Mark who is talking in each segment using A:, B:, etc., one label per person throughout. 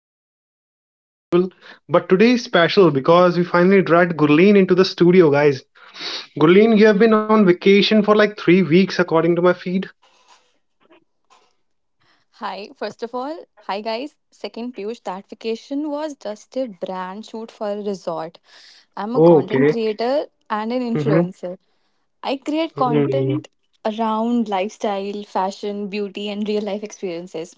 A: we have Uday as usual, but today is special because we finally dragged Gurleen into the studio, guys. Gurleen, you have been on vacation for like 3 weeks, according to my feed.
B: Hi, first of all, hi guys. Second, Piyush, that vacation was just a brand shoot for a resort. I'm a
A: Oh,
B: content
A: okay.
B: creator and an
A: Mm-hmm.
B: influencer. I create
A: Mm-hmm.
B: content around lifestyle, fashion, beauty, and real life experiences.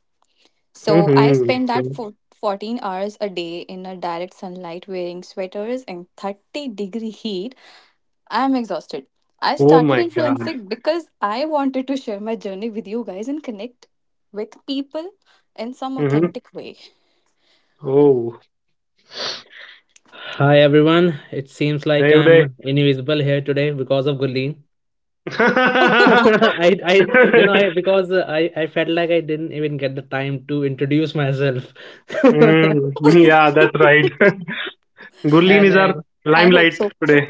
B: So I
A: Mm-hmm.
B: spend that
A: Okay.
B: for 14 hours a day in a direct sunlight wearing sweaters in 30-degree heat. I'm exhausted. I
A: Oh
B: started
A: my God.
B: influencing because I wanted to share my journey with you guys and connect with people in some
A: Mm-hmm.
B: authentic way.
A: Oh.
C: Hi everyone. It seems like
A: Hey Uday.
C: I'm invisible here today because of Gulleen. I because I felt like I didn't even get the time to introduce myself,
A: Mm, yeah, that's right. Gurleen
C: and
A: is our
B: I hope
A: limelight
B: so.
A: today.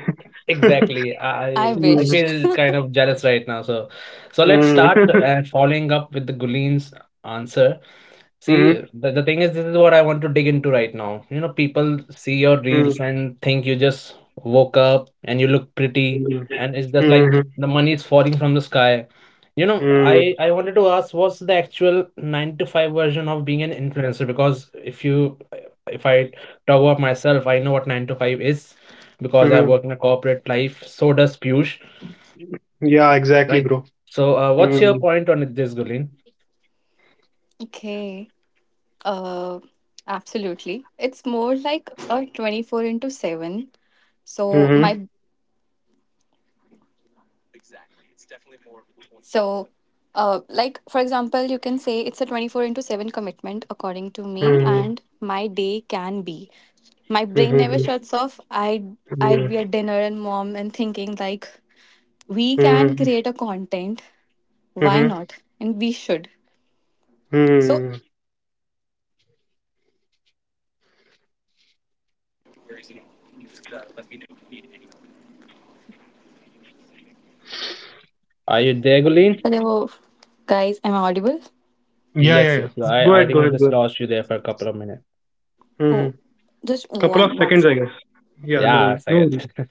C: exactly.
B: I
C: I
A: Mm,
B: wish.
C: feel kind of jealous right now. So let's
A: mm,
C: start following up with the Gulin's answer. See,
A: mm,
C: the thing is, this is what I want to dig into right now. You know, people see your
A: mm,
C: reels and think you just woke up and you look pretty,
A: mm.
C: and it's just
A: Hmm.
C: like the money is falling from the sky. You know,
A: Hmm.
C: I wanted to ask, what's the actual nine to five version of being an influencer? Because if you if I talk about myself, I know what nine to five is because I
A: Hmm.
C: work in a corporate life. So does Piyush,
A: Yeah, exactly,
C: right?
A: bro.
C: So, what's your
A: Mm-hmm.
C: point on this, Gulin?
B: Okay. Uh, absolutely. It's more like a 24 into 7. So
A: Mm-hmm.
B: my So, like for example, you can say it's a 24 into 7 commitment, according to me,
A: Mm-hmm.
B: and my day can be. My brain never shuts off. I'd
A: Mm-hmm.
B: be at dinner and mom and thinking, like, we can create a content. Why
A: Mm-hmm.
B: not? And we should. So.
A: Hmm.
C: Are you there, Gulin?
B: Hello, guys. Am I audible?
A: Yeah,
C: Yes,
A: yeah,
C: yes. No,
A: yeah. Go
C: I
A: ahead,
C: think
A: go
C: I
A: ahead, go
C: just
A: ahead.
C: lost you there for a couple of minutes.
A: Hmm.
B: Oh, just
A: Couple of
B: one
A: seconds,
B: sec.
A: I guess. Yeah, no,
C: Yeah, a
A: worry, no.
C: second.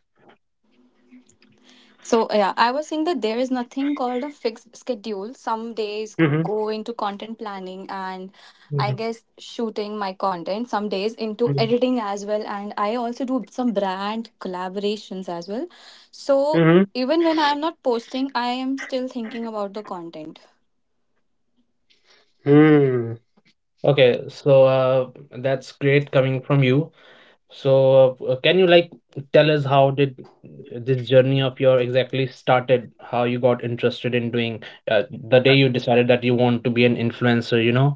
B: So yeah, I was saying that there is nothing called a fixed schedule. Some days
A: Mm-hmm.
B: go into content planning and I
A: Mm-hmm.
B: guess shooting my content. Some days into editing as well, and I also do some brand collaborations as well. So
A: Mm-hmm.
B: even when I am not posting, I am still thinking about the content.
A: Hmm.
C: Okay, so that's great coming from you. So, can you like tell us how did this journey of your exactly started? How you got interested in doing uh, the day you decided that you want to be an influencer, you know?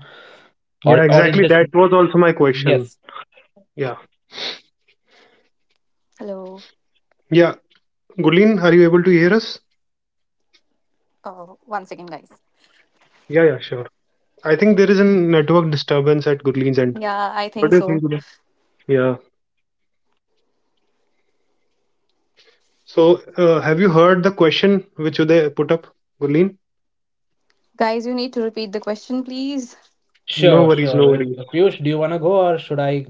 C: Or
A: Yeah,
C: or it
A: exactly.
C: just
A: That was also my question.
C: yes.
A: Yeah.
B: Hello.
A: Yeah. Gulin, are you able to hear us?
B: Oh, 1 second, guys.
A: Yeah, yeah, sure. I think there is a network disturbance at Gurleen's end.
B: Yeah, I
A: What do
B: think
A: you think,
B: so.
A: Gulin? Yeah. So, have you heard the question which Uday put up, Gurleen?
B: Guys, you need to repeat the question, please.
A: No
C: Sure,
A: worries, no
C: sure.
A: worries.
C: Piyush, do you want to go or should I?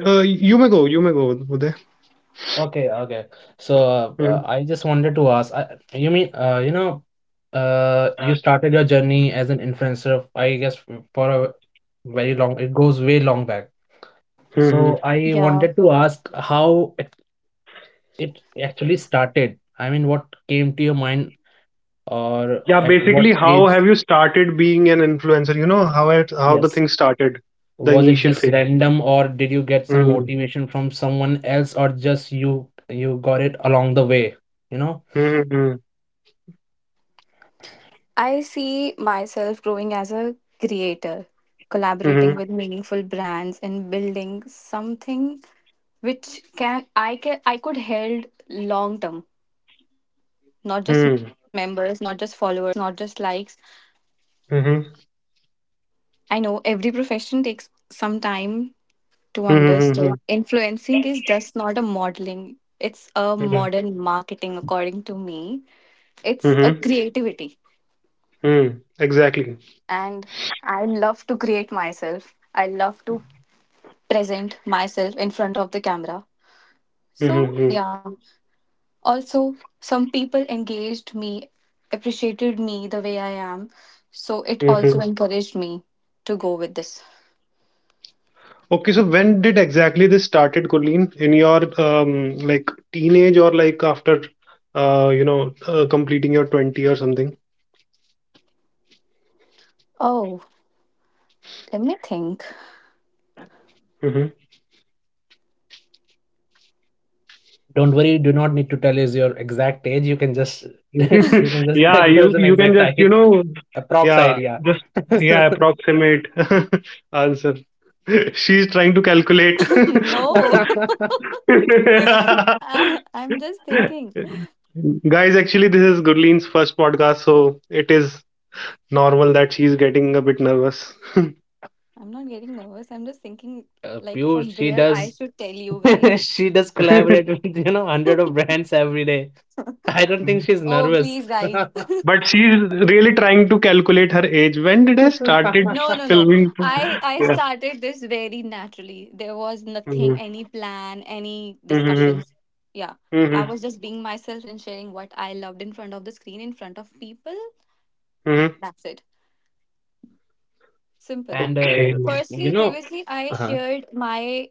A: You may go, you may go, Uday.
C: Okay, okay. So, I just wanted to ask, you mean you know, you started your journey as an influencer, I guess, for a very long, it goes way long back.
A: Mm-hmm.
C: So I
B: Yeah.
C: wanted to ask how it actually started? I mean, what came to your mind, or
A: Yeah,
C: at what
A: basically, how
C: age?
A: have you started being an influencer? You know how it, how the
C: Yes.
A: thing started, the
C: Was it
A: initial
C: just
A: phase.
C: random, or did you get some
A: Mm-hmm.
C: motivation from someone else, or just you got it along the way? You know,
A: Mm-hmm.
B: I see myself growing as a creator, collaborating
A: Mm-hmm.
B: with meaningful brands and building something which can I could held long term, not just
A: Mm-hmm.
B: members, not just followers, not just likes. I know every profession takes some time to
A: Mm-hmm.
B: understand. Influencing is just not a modeling. It's a
A: Mm-hmm.
B: modern marketing according to me. It's a creativity,
A: Mm-hmm. Exactly.
B: and I love to create myself. I love to present myself in front of the camera. So,
A: Mm-hmm.
B: yeah. Also, some people engaged me, appreciated me the way I am. So, it also encouraged me to go with this.
A: Okay, so when did exactly this started, Gurleen? In your like teenage or like after completing your 20 or something?
B: Oh, let me think.
A: Hmm.
C: don't worry, you do not need to tell us your exact age. You can just you can just
A: Yeah,
C: give
A: you
C: us an
A: you can
C: exact
A: just
C: idea, approx
A: yeah
C: idea.
A: just yeah approximate answer. She's trying to calculate.
B: no, I'm just thinking.
A: Guys, actually, this is Gurleen's first podcast, so it is normal that she's getting a bit nervous.
B: I'm not getting nervous. I'm just thinking, like,
C: Piyush,
B: from
C: she
B: where I
C: does
B: should tell you guys.
C: she does collaborate with you know hundred of brands every day. I don't think
A: Mm.
C: she's
B: Oh,
C: nervous.
B: please, guys.
A: But she's really trying to calculate her age. When did I
B: No,
A: started
B: no, no.
A: filming?
B: I
A: Yeah.
B: started this very naturally. There was nothing,
A: Mm-hmm.
B: any plan, any
A: Mm-hmm.
B: discussions. Yeah. I
A: Mm-hmm.
B: was just being myself and sharing what I loved in front of the screen, in front of people.
A: Mm-hmm.
B: That's it. Simple.
C: And
A: Okay.
C: you
B: Firstly,
C: know
B: previously I
C: uh-huh.
B: shared my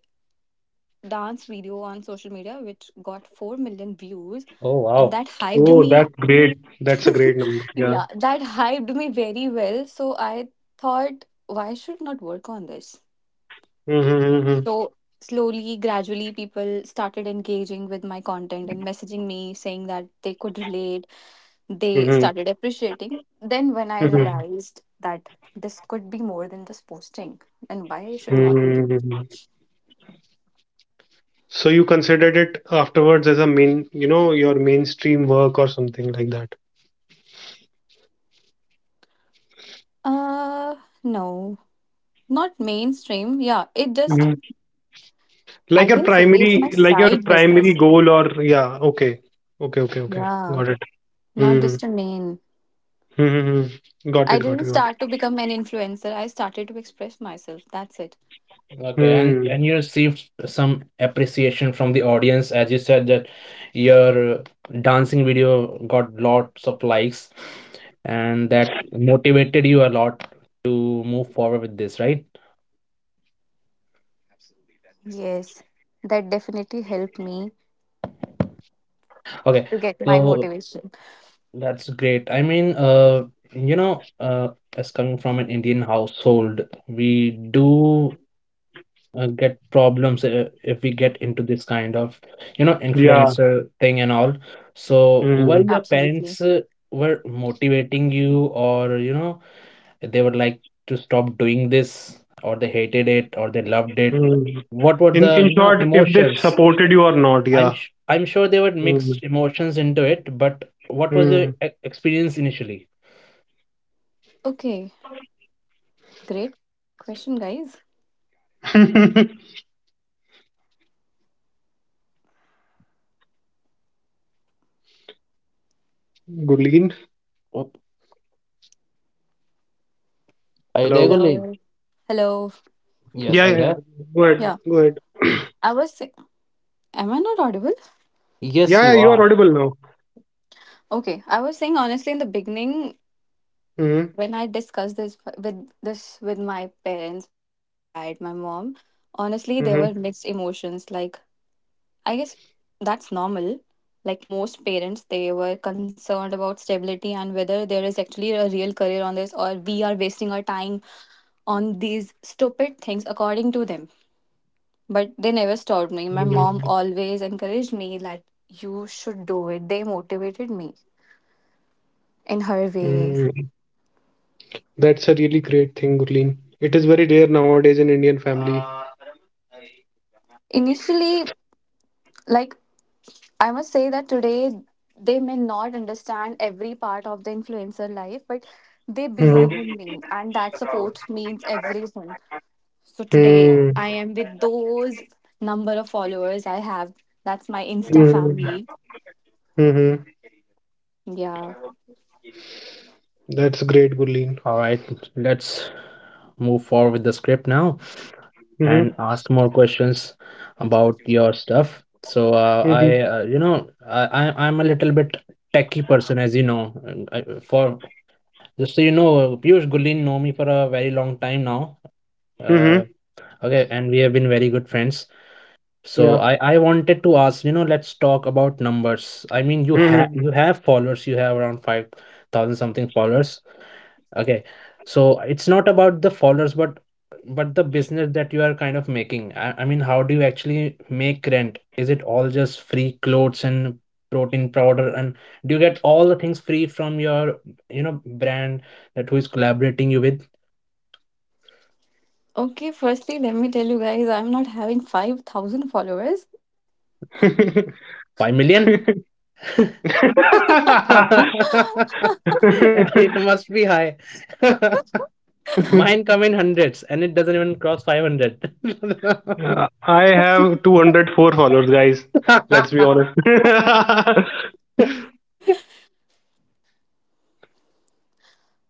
B: dance video on social media, which got 4 million views.
C: Oh
B: And that
C: wow.
B: hyped
A: Oh,
B: me.
A: that's great. That's a great number.
B: Yeah,
A: Yeah.
B: that hyped me very well. So I thought, why should not work on this?
A: Mm-hmm. Mm-hmm.
B: So slowly, gradually, people started engaging with my content and messaging me saying that they could relate. They
A: Mm-hmm.
B: started appreciating. Then, when I
A: Mm-hmm.
B: realized that this could be more than just posting, and why should not we do it?
A: Mm-hmm. So you considered it afterwards as a main, you know, your mainstream work or something like that.
B: Uh, no, not mainstream. Yeah, it just,
A: Hmm.
B: I can say it's my
A: Like your
B: side
A: primary
B: business.
A: goal or yeah. Okay. Okay. Okay. Okay.
B: Yeah,
A: Got it.
B: not
A: Mm-hmm.
B: just a main.
A: Mm-hmm. Got
B: I
A: it. Got
B: didn't
A: it. Got it.
B: start to become an influencer. I started to express myself. That's it.
C: Okay,
A: Hmm.
C: and you received some appreciation from the audience, as you said that your dancing video got lots of likes and that motivated you a lot to move forward with this, right?
B: Yes, that definitely helped me
C: Okay,
B: to get my
C: so
B: motivation.
C: that's great. I mean, you know, as coming from an Indian household, we do get problems if we get into this kind of you know
A: Yeah.
C: influencer thing and all. So were
A: Mm.
C: your
B: Absolutely.
C: parents were motivating you, or you know they were like to stop doing this, or they hated it, or they loved it?
A: Mm.
C: What were
A: In
C: the
A: in
C: you know
A: short, if they
C: emotions?
A: supported you or not, yeah.
C: I'm sure they were
A: Mm.
C: mixed emotions into it, but what was your
A: Mm.
C: experience initially?
B: Okay, great question, guys.
A: Guleen,
C: Oh, are you there,
A: hello.
C: Gulli?
B: Hello. Hello.
C: Yes,
A: Yeah,
C: are
A: yeah,
C: you
A: yeah.
C: there?
A: Go ahead,
B: Yeah,
A: go ahead.
B: I was saying. Am I not audible?
C: Yes,
A: Yeah, yeah,
C: you
A: you are
C: are.
A: audible now.
B: Okay, I was saying honestly in the beginning
A: Mm.
B: when I discussed this with my parents, my dad, my mom. Honestly, there were
A: Mm-hmm.
B: mixed emotions. Like I guess that's normal. Like most parents, they were concerned about stability and whether there is actually a real career on this, or we are wasting our time on these stupid things according to them. But they never stopped me. My mom
A: Mm.
B: always encouraged me that you should do it. They motivated me in her
A: Mm.
B: way.
A: That's a really great thing, Guleen. It is very rare nowadays in Indian family.
B: Initially, like, I must say that today they may not understand every part of the influencer life, but they
A: Mm-hmm.
B: believe in me and that support means everything. So today
A: Mm.
B: I am with those number of followers I have. That's my Insta
A: Mm.
B: family.
A: Mm-hmm.
B: Yeah.
A: That's great, Guleen.
C: All right, let's move forward with the script now and
A: Mm-hmm.
C: ask more questions about your stuff. So
A: Mm-hmm.
C: you know, I'm a little bit techie person, as you know. And for just so you know, Piyush Gullin know me for a very long time now. Uh,
A: Mm-hmm.
C: okay, and we have been very good friends. So
A: Yeah.
C: I wanted to ask, you know, let's talk about numbers. I mean, you
A: Mhm.
C: have followers. You have around 5,000 something followers. Okay, so it's not about the followers, but the business that you are kind of making. I mean, how do you actually make rent? Is it all just free clothes and protein powder, and do you get all the things free from your you know brand that who is collaborating you with?
B: Okay, firstly, let me tell you guys, I'm not having 5,000 followers.
C: 5 million?
A: Uh,
C: It must be high. Mine come in hundreds, and it doesn't even cross 500.
A: I have 204 followers, guys. Let's be honest.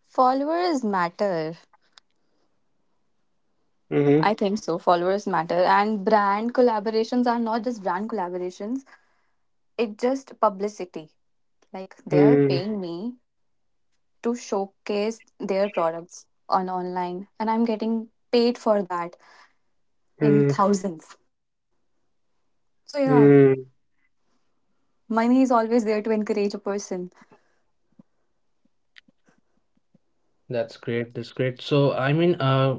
B: Followers matter.
A: Mhm.
B: I think so. Followers matter. And brand collaborations are not just brand collaborations, it's just publicity. Like they are
A: Mm,
B: paying me to showcase their products on online, and I'm getting paid for that in
A: mm,
B: thousands. So yeah,
A: mm,
B: money is always there to encourage a person.
C: That's great. That's great. So, I mean,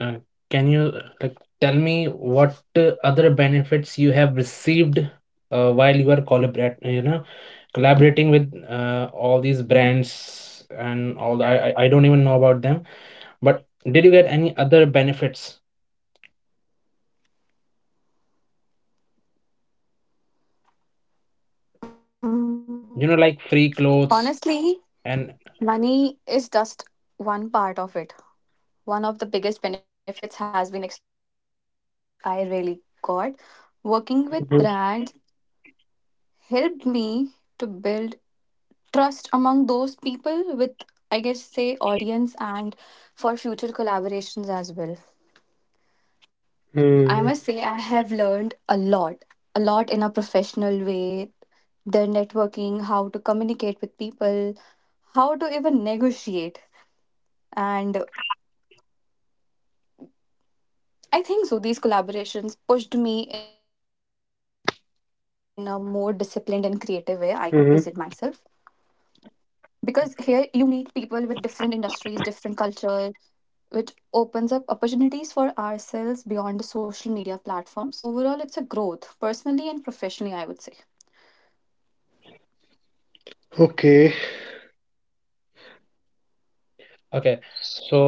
C: uh, can you like tell me what other benefits you have received while you are collaborate, you know, collaborating with all these brands and all the, I don't even know about them, but did you get any other benefits you know like
B: Mm,
C: free clothes
B: honestly,
C: and
B: money is just one part of it. One of the biggest benefits has been exposure and credibility, which I really got. Working with
A: mhm,
B: brands helped me to build trust among those people with, I guess, say, audience and for future collaborations well. I
A: mm,
B: must say, I have learned a lot in a professional way. The networking, how to communicate with people, how to even negotiate. And I think so, these collaborations pushed me in a more disciplined and creative way I could present myself.
A: mhm.
B: Because here you meet people with different industries, different culture, which opens up opportunities for ourselves beyond the social media platform. So overall, it's a growth, personally and professionally, I would say.
A: Okay.
C: okay. So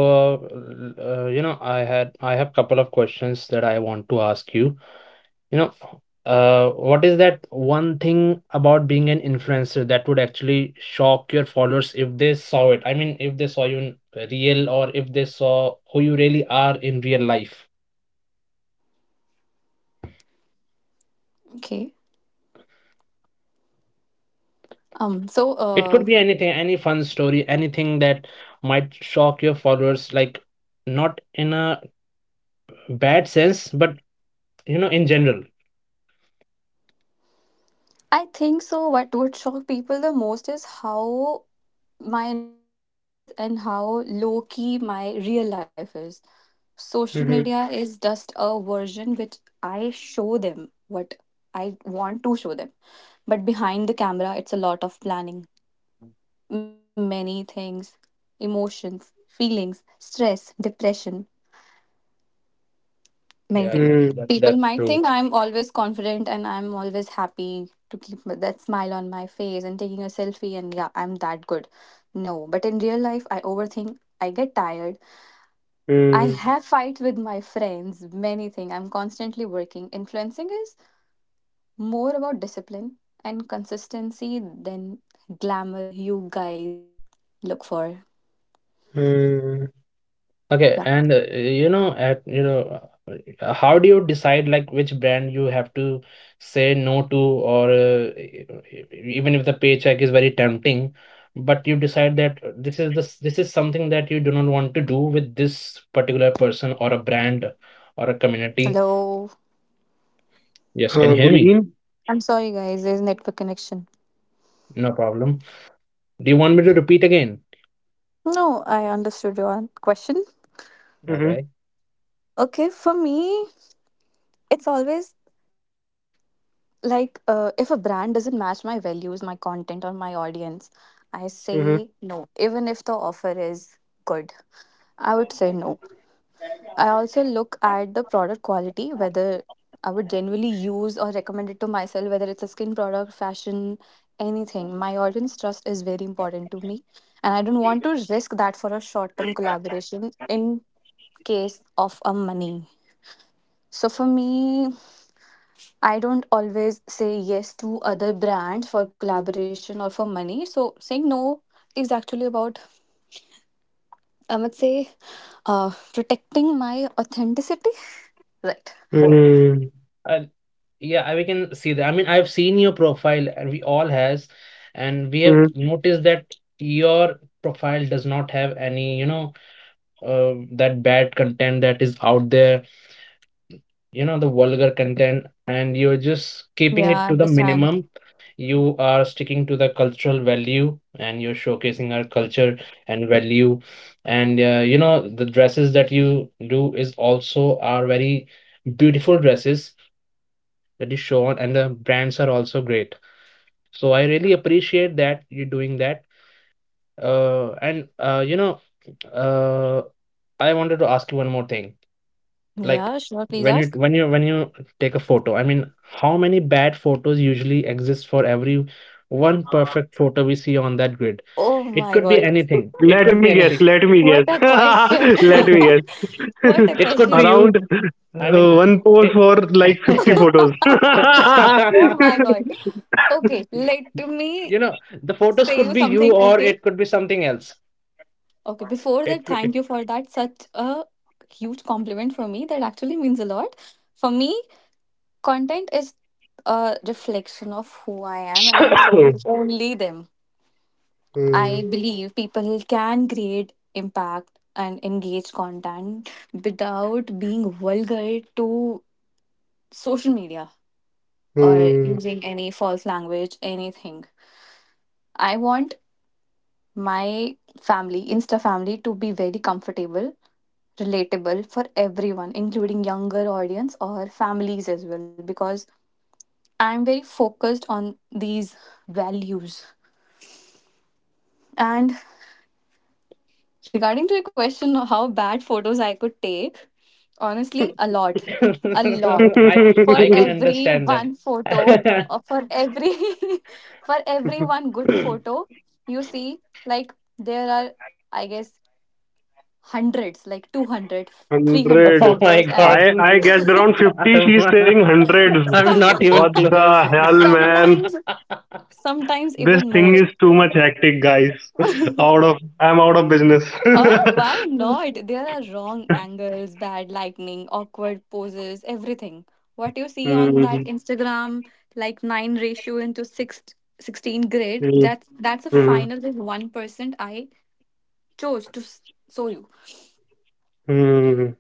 C: you know, I have couple of questions that I want to ask you, you know, what is that one thing about being an influencer that would actually shock your followers if they saw it? I mean, if they saw you in real, or if they saw who you really are in real life.
B: Okay. Um, so
C: It could
B: uh,
C: be anything, any fun story, anything that might shock your followers, like not in a bad sense, but you know, in general.
B: I think so. What would shock people the most is how my normal life is and how low key my real life is. Social
A: Mhm,
B: media is just a version which I show them what I want to show them. But behind the camera, it's a lot of planning, many things, emotions, feelings, stress, depression, many
C: Yeah,
B: things.
C: that's
A: mm,
C: that's
B: People
C: that's
B: might
C: true.
B: think I'm always confident and I'm always happy to keep that smile on my face and taking a selfie and yeah, I'm that good. No, but in real life, I overthink. I get tired. I
A: mm,
B: have fights with my friends, many things. I'm constantly working. Influencing is more about discipline and consistency than glamour you guys look for.
A: mm.
C: Okay,
B: Yeah.
C: and you know, at you know, how do you decide like which brand you have to say no to, or even if the paycheck is very tempting, but you decide that this is this is something that you do not want to do with this particular person or a brand or a community.
B: Hello.
C: Yes, can you hear me?
A: Gurleen?
B: I'm sorry, guys. There's network connection.
C: No problem. Do you want me to repeat again?
B: No, I understood your question.
A: Mhm,
C: Okay.
B: Okay, for me, it's always like if a brand doesn't match my values, my content, or my audience, I
A: mhm,
B: say no. Even if the offer is good, I would say no. I also look at the product quality, whether I would genuinely use or recommend it to myself, whether it's a skin product, fashion, anything. My audience trust is very important to me, and I don't want to risk that for a short term collaboration in case of a money. So for me, I don't always say yes to other brands for collaboration or for money. So saying no is actually about, I would say, protecting my authenticity. Right.
A: mm,
C: Uh, yeah, we can see that. I mean, I've seen your profile, and we all has, and we have
A: mhm.
C: noticed that your profile does not have any, you know, that bad content that is out there, you know, the vulgar content, and you're just keeping
B: Yeah,
C: it to
B: I
C: the minimum.
B: understand.
C: You are sticking to the cultural value, and you're showcasing our culture and value, and you know, the dresses that you do is also are very beautiful dresses that is shown, and the brands are also great. So I really appreciate that you are doing that. And you know, uh, I wanted to ask you one more thing, like
B: Yeah, sure. Please ask.
C: when you take a photo. I mean, how many bad photos usually exist for every one perfect photo we see on that grid?
B: Oh
C: It
B: my
C: could be
B: God.
C: anything, it
A: Let
C: could be
A: me guess.
C: anything
A: Let me
B: What
A: guess.
B: a question.
A: Let me guess.
B: What a
C: It could be
B: question.
C: you.
A: Around
C: i mean
A: one post
C: it.
A: for like 50 photos.
B: Oh my God. Okay, let me
C: You know, the photos
B: say
C: could
B: you
C: be you,
B: something.
C: or
B: Okay.
C: it could be something else.
B: Okay, before
C: It
B: that,
C: it.
B: thank you for that. Such a huge compliment for me. That actually means a lot. For me, content is a reflection of who I am, and I'm so only them. I
A: Hmm,
B: believe people can create impact and engage content without being vulgar to social media or
A: hmm.
B: using any false language, anything. I want my family, Insta family, to be very comfortable, relatable for everyone, including younger audience or families as well, because I'm very focused on these values. And regarding to your question of how bad photos I could take, honestly, a lot. A lot.
C: I
B: For
C: I can
B: every
C: understand that.
B: one photo or for every for every
A: 100.
B: one good photo, you see like there are guess hundreds, like two hundred, three hundred
C: Oh
B: photos
C: my
B: and
C: God.
A: I guessed around 50.
C: I'm
A: She's saying hundreds.
B: so
C: I'm not even
A: What the
C: close.
A: hell, man?
B: Sometimes, sometimes
A: This
B: even
A: thing
B: more.
A: is too much hectic, guys.
B: Oh,
A: Out of I'm out of business.
B: why not? There are wrong angles, bad lightning, awkward poses, everything. What you see on that
A: Hmm,
B: Instagram, like nine ratio into six sixteen 16 grade,
A: hmm,
B: that's a
A: hmm,
B: final with 1% I chose to s- show you.
A: hmm.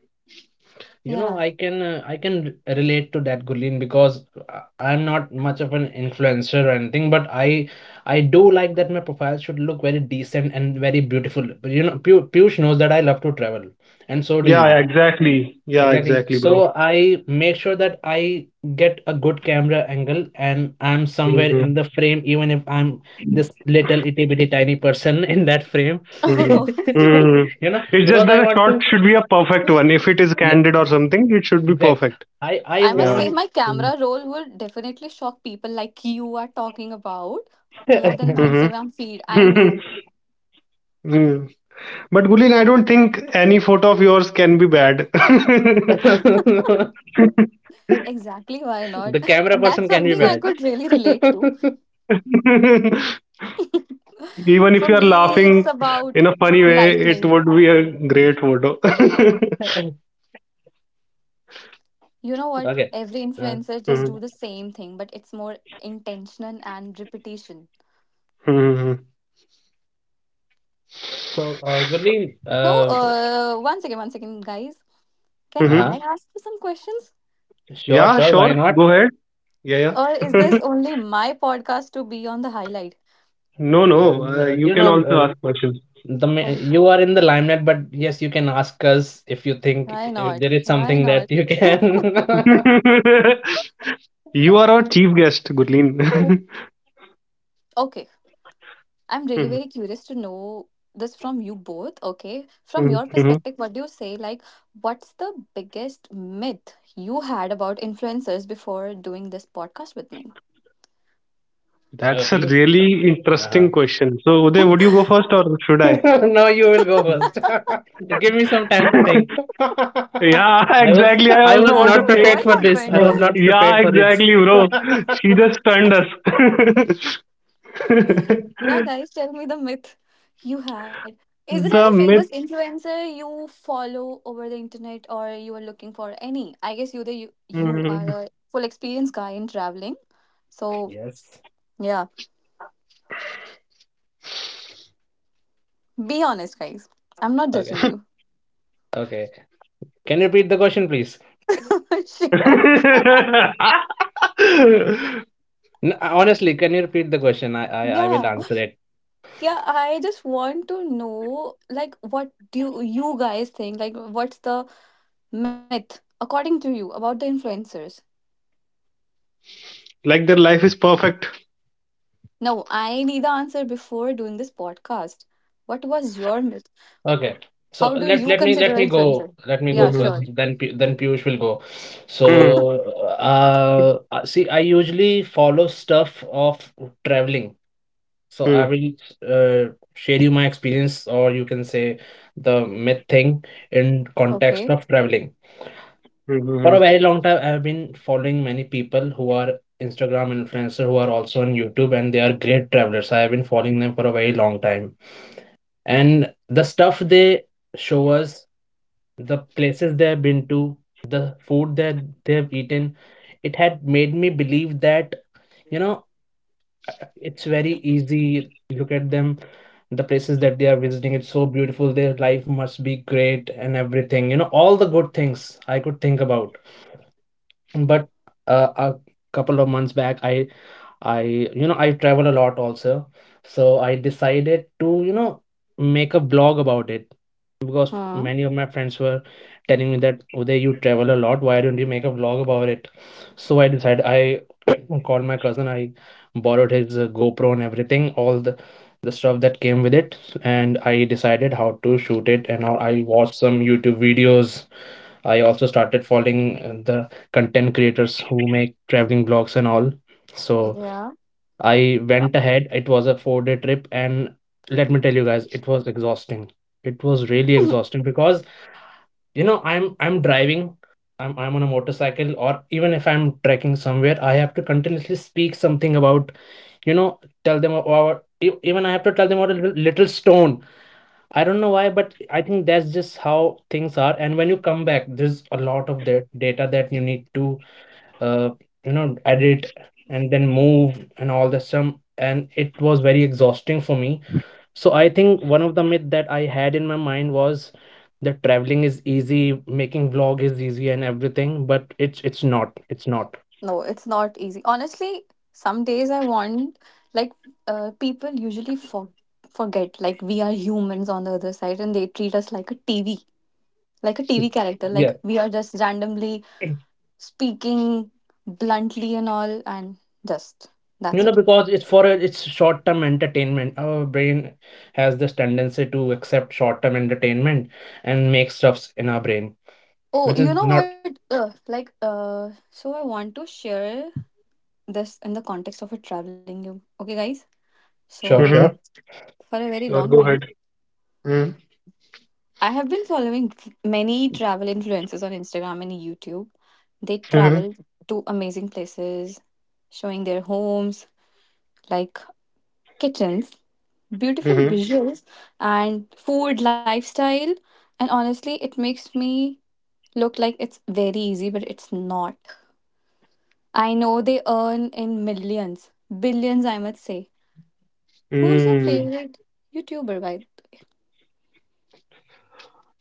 C: You know,
B: Yeah.
C: I can r- relate to that, Gulin, because I'm not much of an influencer or anything, but I do like that my profile should look very decent and very beautiful. But, you know, Pu Piyush knows that I love to travel, and so do
A: Yeah, yeah,
C: you.
A: exactly. Yeah,
C: Exactly.
A: exactly, bro.
C: So I make sure that I get a good camera angle and I'm somewhere
A: Hmm.
C: in the frame, even if I'm this little itty bitty tiny person in that frame.
A: Hmm. Hmm.
C: You know,
A: It's just
C: because
A: that
C: I
A: a
C: want
A: shot
C: to,
A: should be a perfect
B: I
A: one. If it is
C: yeah,
A: candid or something, it should be
C: exactly.
A: perfect.
C: I
B: must
A: Yeah.
B: say
C: want
B: my camera roll would definitely shock people like you are talking about more than my
C: the
B: Instagram feed.
A: Mm-hmm.
B: I know.
A: Mm. But Gulin, I don't think any photo of yours can be bad. Even
B: Exactly, why not?
C: camera
B: And that's
C: person can be
B: something I
C: bad.
B: could really relate to. For
A: if you are
B: me, it's
A: laughing
B: about
A: in a funny way, it
B: lightning.
A: would be a great photo.
B: You know what?
C: Okay.
B: Every
C: Uh,
B: influencer just
A: Mm-hmm.
B: do the same thing, but it's more intention and repetition.
C: so, Gurleen,
B: No, 1 second, guys. Can
A: Mm-hmm.
C: uh-huh,
B: I ask you some questions?
C: sure,
A: Yeah,
C: sure, why
A: sure.
C: not?
A: Go ahead. Yeah,
B: Or is
A: yeah.
B: this only my podcast to be on the highlight?
A: No, no, you
C: You
A: can also
C: know,
A: ask questions.
C: the ma-
B: Oh,
C: you are in the limelight, but yes, you can ask us if you think
B: why
C: if
B: not?
C: there is
B: Why
C: something that
B: not?
C: you can.
A: You are our chief guest, Gurleen.
B: Okay, I'm really
A: Mhm,
B: very curious to know this from you both. Okay. From
A: mhm,
B: your
A: mhm.
B: perspective, what do you say? Like, what's the biggest myth you had about influencers before doing this podcast with me?
C: Uh,
A: That's a
C: Piyush,
A: really interesting
C: uh-huh.
A: question. So, Uday, would you go first or should I?
C: No, you will go first. Give me some time to think.
A: Yeah,
C: I was.
A: exactly. I
C: I
A: also
C: was
B: Why?
A: want
C: not
A: to
C: prepared
A: think.
B: What
C: for this. I
B: happened?
C: was not
A: Yeah,
C: prepared for this.
A: exactly, bro. She just stunned us.
B: Yeah, guys, tell me the myth you had. Is there any
A: The
B: famous
A: myth.
B: influencer you follow over the internet or you are looking for any? I guess you are
A: Mhm.
B: a full experience guy in traveling. So
C: Yes.
B: yeah, be honest, guys. I'm not judging
C: Okay,
B: you.
C: okay, can you repeat the question, please?
B: Sure.
C: N- honestly, can you repeat the question? I will
B: Yeah,
C: answer.
B: yeah, I just want to know like what do you guys think? Like what's the myth according to you about the influencers?
A: Like their life is perfect.
B: No, I need the answer before doing this podcast. What was your myth?
C: Okay. So
B: How do
C: let
B: you consider an influencer?
C: let me
B: Yeah,
C: go first.
B: sure.
C: Then P then Piyush will go. So
A: Mhm.
C: see, I usually follow stuff of traveling. So I
A: Hmm.
C: will share you my experience, or you can say the myth thing in
B: Okay.
C: context of traveling. For a
A: Mhm.
C: very long time, I've been following many people who are Instagram influencer who are also on YouTube, and they are great travelers. I have been following them for a very long time, and the stuff they show us, the places they've been to, the food that they've eaten, it had made me believe that, you know, it's very easy. Look at them, the places that they are visiting, it's so beautiful, their life must be great, and everything, you know, all the good things I could think about. But a couple of months back, I, you know, I travel a lot also. So I decided to, you know, make a blog about it, because
B: Hmm.
C: many of my friends were telling me that, Uday, you travel a lot. Why don't you make a blog about it? So I decided. I Called my cousin. I borrowed his GoPro and everything, all the stuff that came with it, and I decided how to shoot it. And how I watched some YouTube videos. I also started following the content creators who make traveling blogs and all. So
B: Yeah.
C: I went ahead. It was a 4 day trip, and let me tell you guys, it was exhausting. It was really exhausting because you know I'm driving, I'm on a motorcycle, or even if I'm trekking somewhere, I have to continuously speak something about tell them about even I have to tell them about a little, little stone. I don't know why, but I think that's just how things are. And when you come back, there's a lot of data that you need to uh, edit and then move and all the stuff, and it was very exhausting for me. So I think one of the myth that I had in my mind was that traveling is easy, making vlog is easy and everything, but it's not.
B: No, it's not easy. Honestly, some days I want, like, people usually forget like we are humans on the other side and they treat us like a TV, like a
C: It-
B: TV character.
C: yeah
B: Like we are just randomly
C: it-
B: speaking bluntly and all, and just
C: you
B: that's
C: know,
B: it.
C: because it's for a, it's short term entertainment. Our brain has this tendency to accept short term entertainment and make stuffs in our brain
B: Oh,
C: which
B: you
C: is
B: know
C: not.
B: what? So I want to share this in the context of a traveling you. Okay, guys.
C: Sure,
B: So
A: Mhm.
C: sure.
B: for a very long
A: Sure, go
B: time,
A: ahead. Mm.
B: I have been following many travel influencers on Instagram and YouTube. They
A: Mhm.
B: travel to amazing places, showing their homes, like, kitchens, beautiful
A: Mhm.
B: visuals and food lifestyle, and honestly it makes me look like it's very easy, but it's not. I know they earn in millions, billions, I must say. Who's your
A: Mm.
B: favorite YouTuber by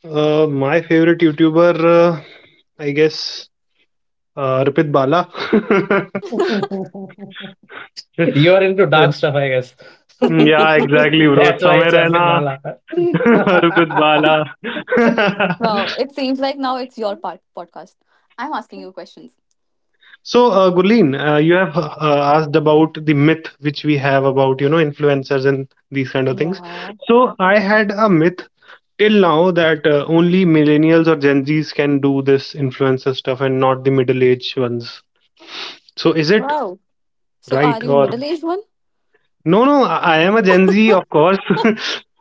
A: My favorite YouTuber, I guess, Ripit Bala.
C: You are into
A: Yeah,
C: dark stuff, I guess.
B: the...
A: exactly, bro.
C: That's why
A: समय
C: it's
A: रहना,
C: Arvind Malaka.
A: Ripit Bala.
B: Wow, it seems like now it's your part podcast. I'm asking you questions.
A: So, Gurleen, you have asked about the myth which we have about, influencers and these kind of things.
B: Yeah.
A: So, I had a myth till now that only millennials or Gen Zs can do this influencer stuff and not the middle-aged ones. So, is it
B: Wow, so
A: right
B: are you a
A: or
B: middle-aged one?
A: no? No, I am a Gen Z, of course.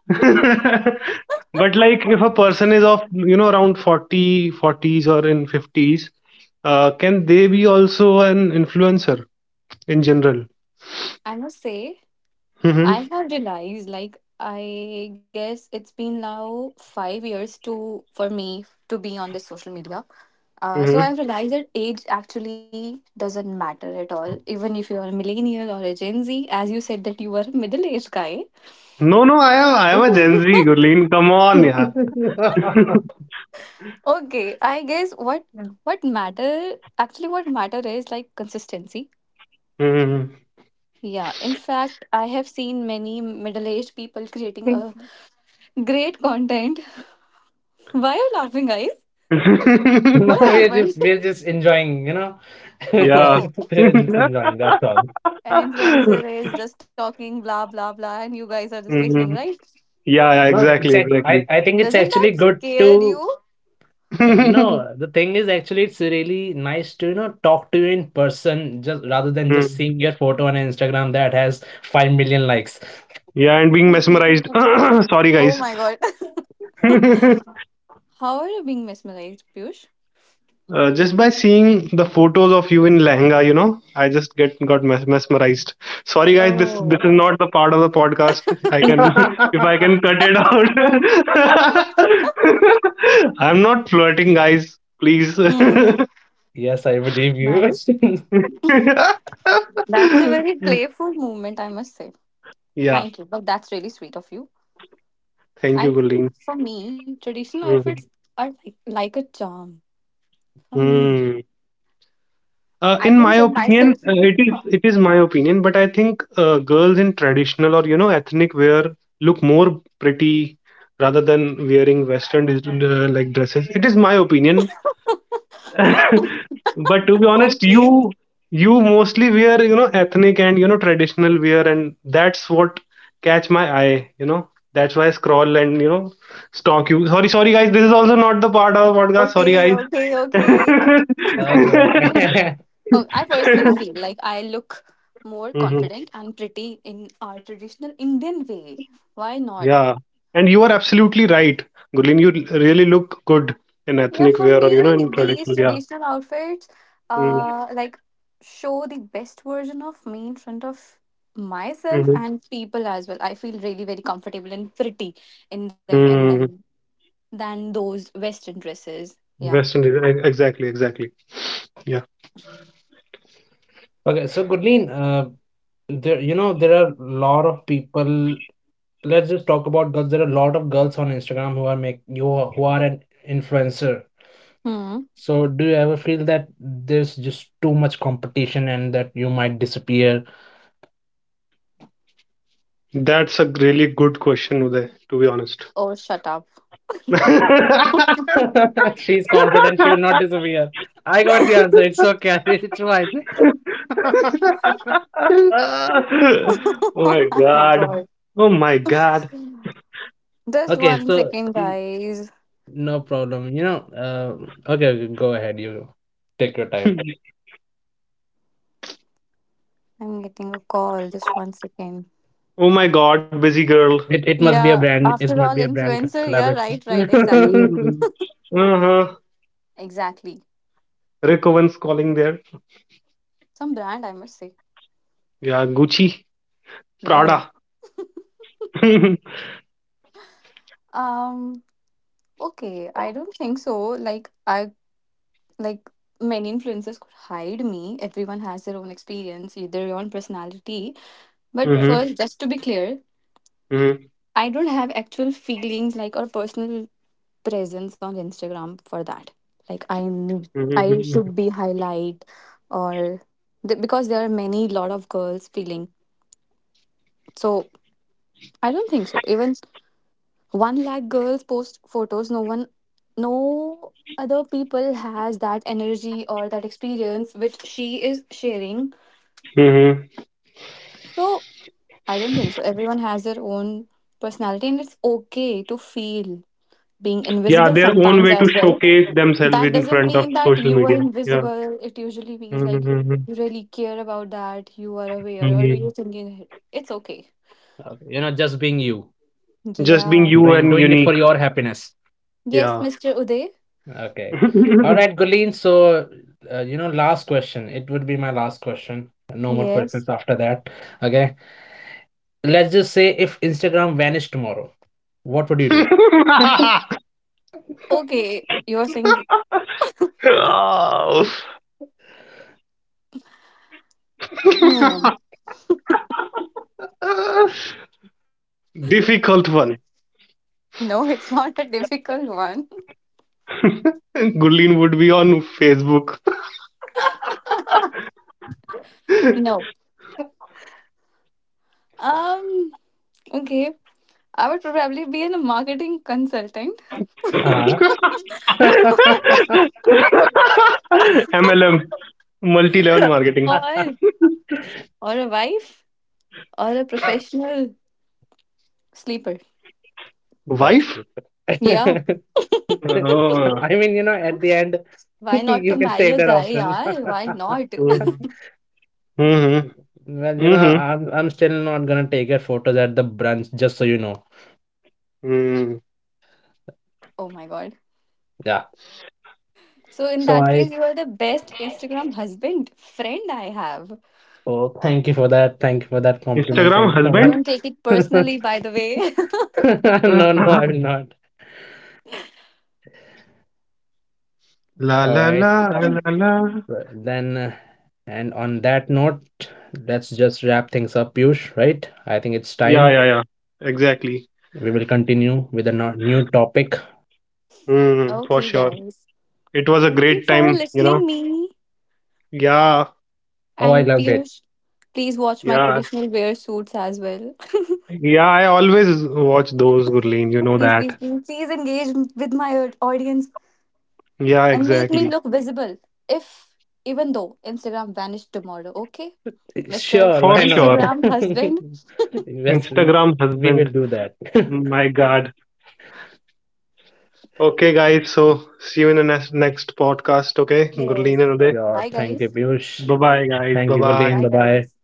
A: But like, if a person is of, around 40, forties or in 50s, can they be also an influencer? In general.
B: I must say
A: Hmm.
B: I have realized, like, I guess it's been now 5 years to for me to be on this social media. Uh,
A: Hmm.
B: so I've realized that age actually doesn't matter at all. Even if you're a millennial or a Gen Z, as you said that you were a middle-aged guy.
A: No, no, I am a
B: Okay.
A: Gen Z, Gurleen. Come on, yeah.
B: Okay, I guess what matter actually what matter is like consistency.
A: Hmm.
B: Yeah, in fact, I have seen many middle-aged people creating a great content. Why are you laughing, guys?
C: No,
B: What
C: we're just
B: happened?
C: we're just enjoying, you know.
A: Yeah.
B: Oh,
C: We're just enjoying, that's all.
B: an influencer is just talking blah blah blah, and you guys are just listening,
A: Hmm.
B: right?
A: Yeah, yeah,
C: No, it's
A: exactly,
C: ac- I
A: exactly.
C: I think it's
B: Doesn't that
C: actually good
B: scare
C: to,
B: you?
C: no, the thing is actually it's really nice to, you know, talk to you in person just rather than just
A: Mm.
C: seeing your photo on Instagram that has 5 million likes.
A: Yeah, and being mesmerized. Sorry,
B: Oh
A: guys.
B: my god. How are you being mesmerized, Piyush?
A: Just by seeing the photos of you in lehenga, I just get got mesmerized. Sorry, guys, this
B: Oh,
A: is not the part of the podcast. I can if I can cut it out. I'm not flirting, guys. Please.
B: hmm.
C: Yes, I believe you.
B: Nice. That's a very playful movement, I must say.
A: Yeah.
B: Thank you. But that's really sweet of you.
A: Thank
B: I
A: you, Gulin.
B: think for me, traditional outfits
A: Mm.
B: are like a charm. For me,
A: Mm.
B: I
A: In
B: can
A: my
B: say
A: opinion,
B: myself.
A: it is my opinion, but I think girls in traditional or ethnic wear look more pretty rather than wearing Western like dresses. It is my opinion, but to be honest,
B: okay,
A: you mostly wear ethnic and traditional wear, and that's what catch my eye. That's why I scroll and stalk you. Sorry, sorry guys, this is also not the part of podcast. Sorry
B: okay,
A: guys.
B: okay, okay.
C: Okay, okay.
B: Oh, I personally feel like I look more
A: Mhm.
B: confident and pretty in our traditional Indian way. Why
A: Yeah.
B: not?
A: And you are absolutely right, Gulin. You really look good in ethnic
B: Yeah, for
A: wear or, in
B: me, these
A: traditional. Yeah.
B: traditional outfits,
A: Mm-hmm.
B: like, show the best version of me in front of myself and people as well. I feel really very comfortable and pretty in them, and
A: Mm.
B: then than those Western dresses. Yeah.
A: Western. Exactly. Exactly. Yeah.
C: Okay, so Gurleen, there, you know, there are a lot of people. Let's just talk about girls. There are a lot of girls on Instagram who are who are an influencer.
B: Hmm.
C: So, do you ever feel that there's just too much competition and that you might disappear?
A: That's a really good question, Uday, to be honest.
B: Oh, shut up.
C: She's confident she will not disappear. I got the answer. It's okay. It's fine.
A: Oh
B: Oh
A: my
B: my
A: God.
B: God.
A: Oh my God.
B: Just
C: Okay,
B: one
C: so
B: second, guys.
C: no problem. You know, okay, okay, go ahead. You take your time.
B: I'm getting a call. Just 1 second.
A: Oh my God, busy girl.
C: It must be a
B: Yeah,
C: brand. It
B: after
C: must
B: all,
C: be a brand
B: influencer. Yeah,
C: collaboration.
B: right, right. Exactly.
C: Okay,
A: Mm-hmm. Uh-huh.
B: Exactly.
A: Rick Owens calling there.
B: Some brand, I must say.
A: Yeah, Gucci,
B: No.
A: Prada.
B: Um, okay. I don't think so. Like, I, like, many influencers could hide me. Everyone has their own experience, their own personality. But
A: Mhm,
C: exactly.
B: first, just to be clear,
A: mhm,
B: I don't have actual feelings like or personal presence on Instagram for that. Like I need,
A: mhm,
B: I should
A: mhm,
B: be highlight or because there are many lot of girls feeling. So I don't think so. Even one lakh girls post photos. No one, no other people has that energy or that experience which she is sharing.
A: mhm.
B: So I don't think so. Everyone has their own personality, and it's okay to feel being
A: Yeah,
B: invisible
A: their own
B: sometimes
A: way to
B: as well.
A: showcase themselves
B: That
A: in
B: doesn't
A: front of
B: mean that
A: social
B: you are
A: media. Yeah.
B: invisible. It usually means
A: Mhm,
B: like
A: mhm,
B: you really care about that, you are aware, or you're
A: mhm.
B: thinking ahead. It's okay.
C: You know, just being you,
A: Just being
B: Yeah.
A: you
C: doing
A: and
C: doing it for
A: unique.
C: your happiness.
B: Yes,
A: Yeah.
B: Mr. Uday.
C: Okay. All right, Guleen. So, you know, last question. It would be my last question. No more
B: Yes.
C: questions after that. Okay. Let's just say if Instagram vanished tomorrow, what would you do?
B: Okay, you're saying. Hmm.
A: Difficult one.
B: No, it's not a difficult one.
A: Gurleen would be on Facebook.
B: No. Um. Okay. I would probably be in a marketing consultant,
C: Uh-huh.
B: or
A: MLM, multi level marketing.
B: or a wife, or a professional sleeper.
C: That's
A: Wife?
C: good.
B: Yeah.
A: Oh.
C: I mean, you know, at the end,
B: Why not to
C: you can
B: marry
C: take
B: a
C: that
B: guy,
C: option.
B: yaar? Why not?
A: Mm-hmm.
C: Well, you know,
A: Mm-hmm.
C: I'm still not gonna take your photos at the brunch, just so you know.
A: Mm.
B: Oh my god.
C: Yeah.
B: So in
C: So
B: that
C: I,
B: case, you are the best Instagram husband friend I have.
C: oh, thank you for that. Thank you for that compliment.
A: Instagram
C: Thank you so
A: husband?
B: Don't take it
C: much.
B: personally, by the way.
C: No, no, I will not.
A: La
C: All
A: la
C: right.
A: la la la.
C: Well, then and on that note, let's just wrap things up, Piyush, right? I think it's
A: Yeah,
C: time.
A: yeah, yeah. Exactly.
C: We will continue with a new topic.
A: Mm, for
B: Okay,
A: sure.
B: guys.
A: It was a
B: Thank you
A: great
B: for
A: time.
B: listening me.
A: Yeah,
C: Oh, I
B: And
C: loved it.
B: Piyush, please watch my
A: yeah.
B: traditional wear suits as well.
A: Yeah, I always watch those, Gurleen, you know
B: Please, please,
A: that.
B: please, please engage with my audience
A: Yeah,
B: and make me
A: exactly.
B: look visible. If even though Instagram vanished tomorrow, okay, Mister
C: Sure,
A: For
C: why not?
A: sure.
B: Instagram husband.
C: Yes,
A: Instagram
C: we
A: husband.
C: will do that.
A: My God. Okay, guys. So, see you in the next podcast. Okay,
B: Yes.
A: Gurleen and Uday.
C: Sure,
B: Bye,
C: thank you,
B: guys.
C: Piyush.
A: Bye bye, guys.
C: Thank
A: Bye
C: you,
A: bye.
C: Gulen. Bye
B: Bye,
C: bye.
B: guys.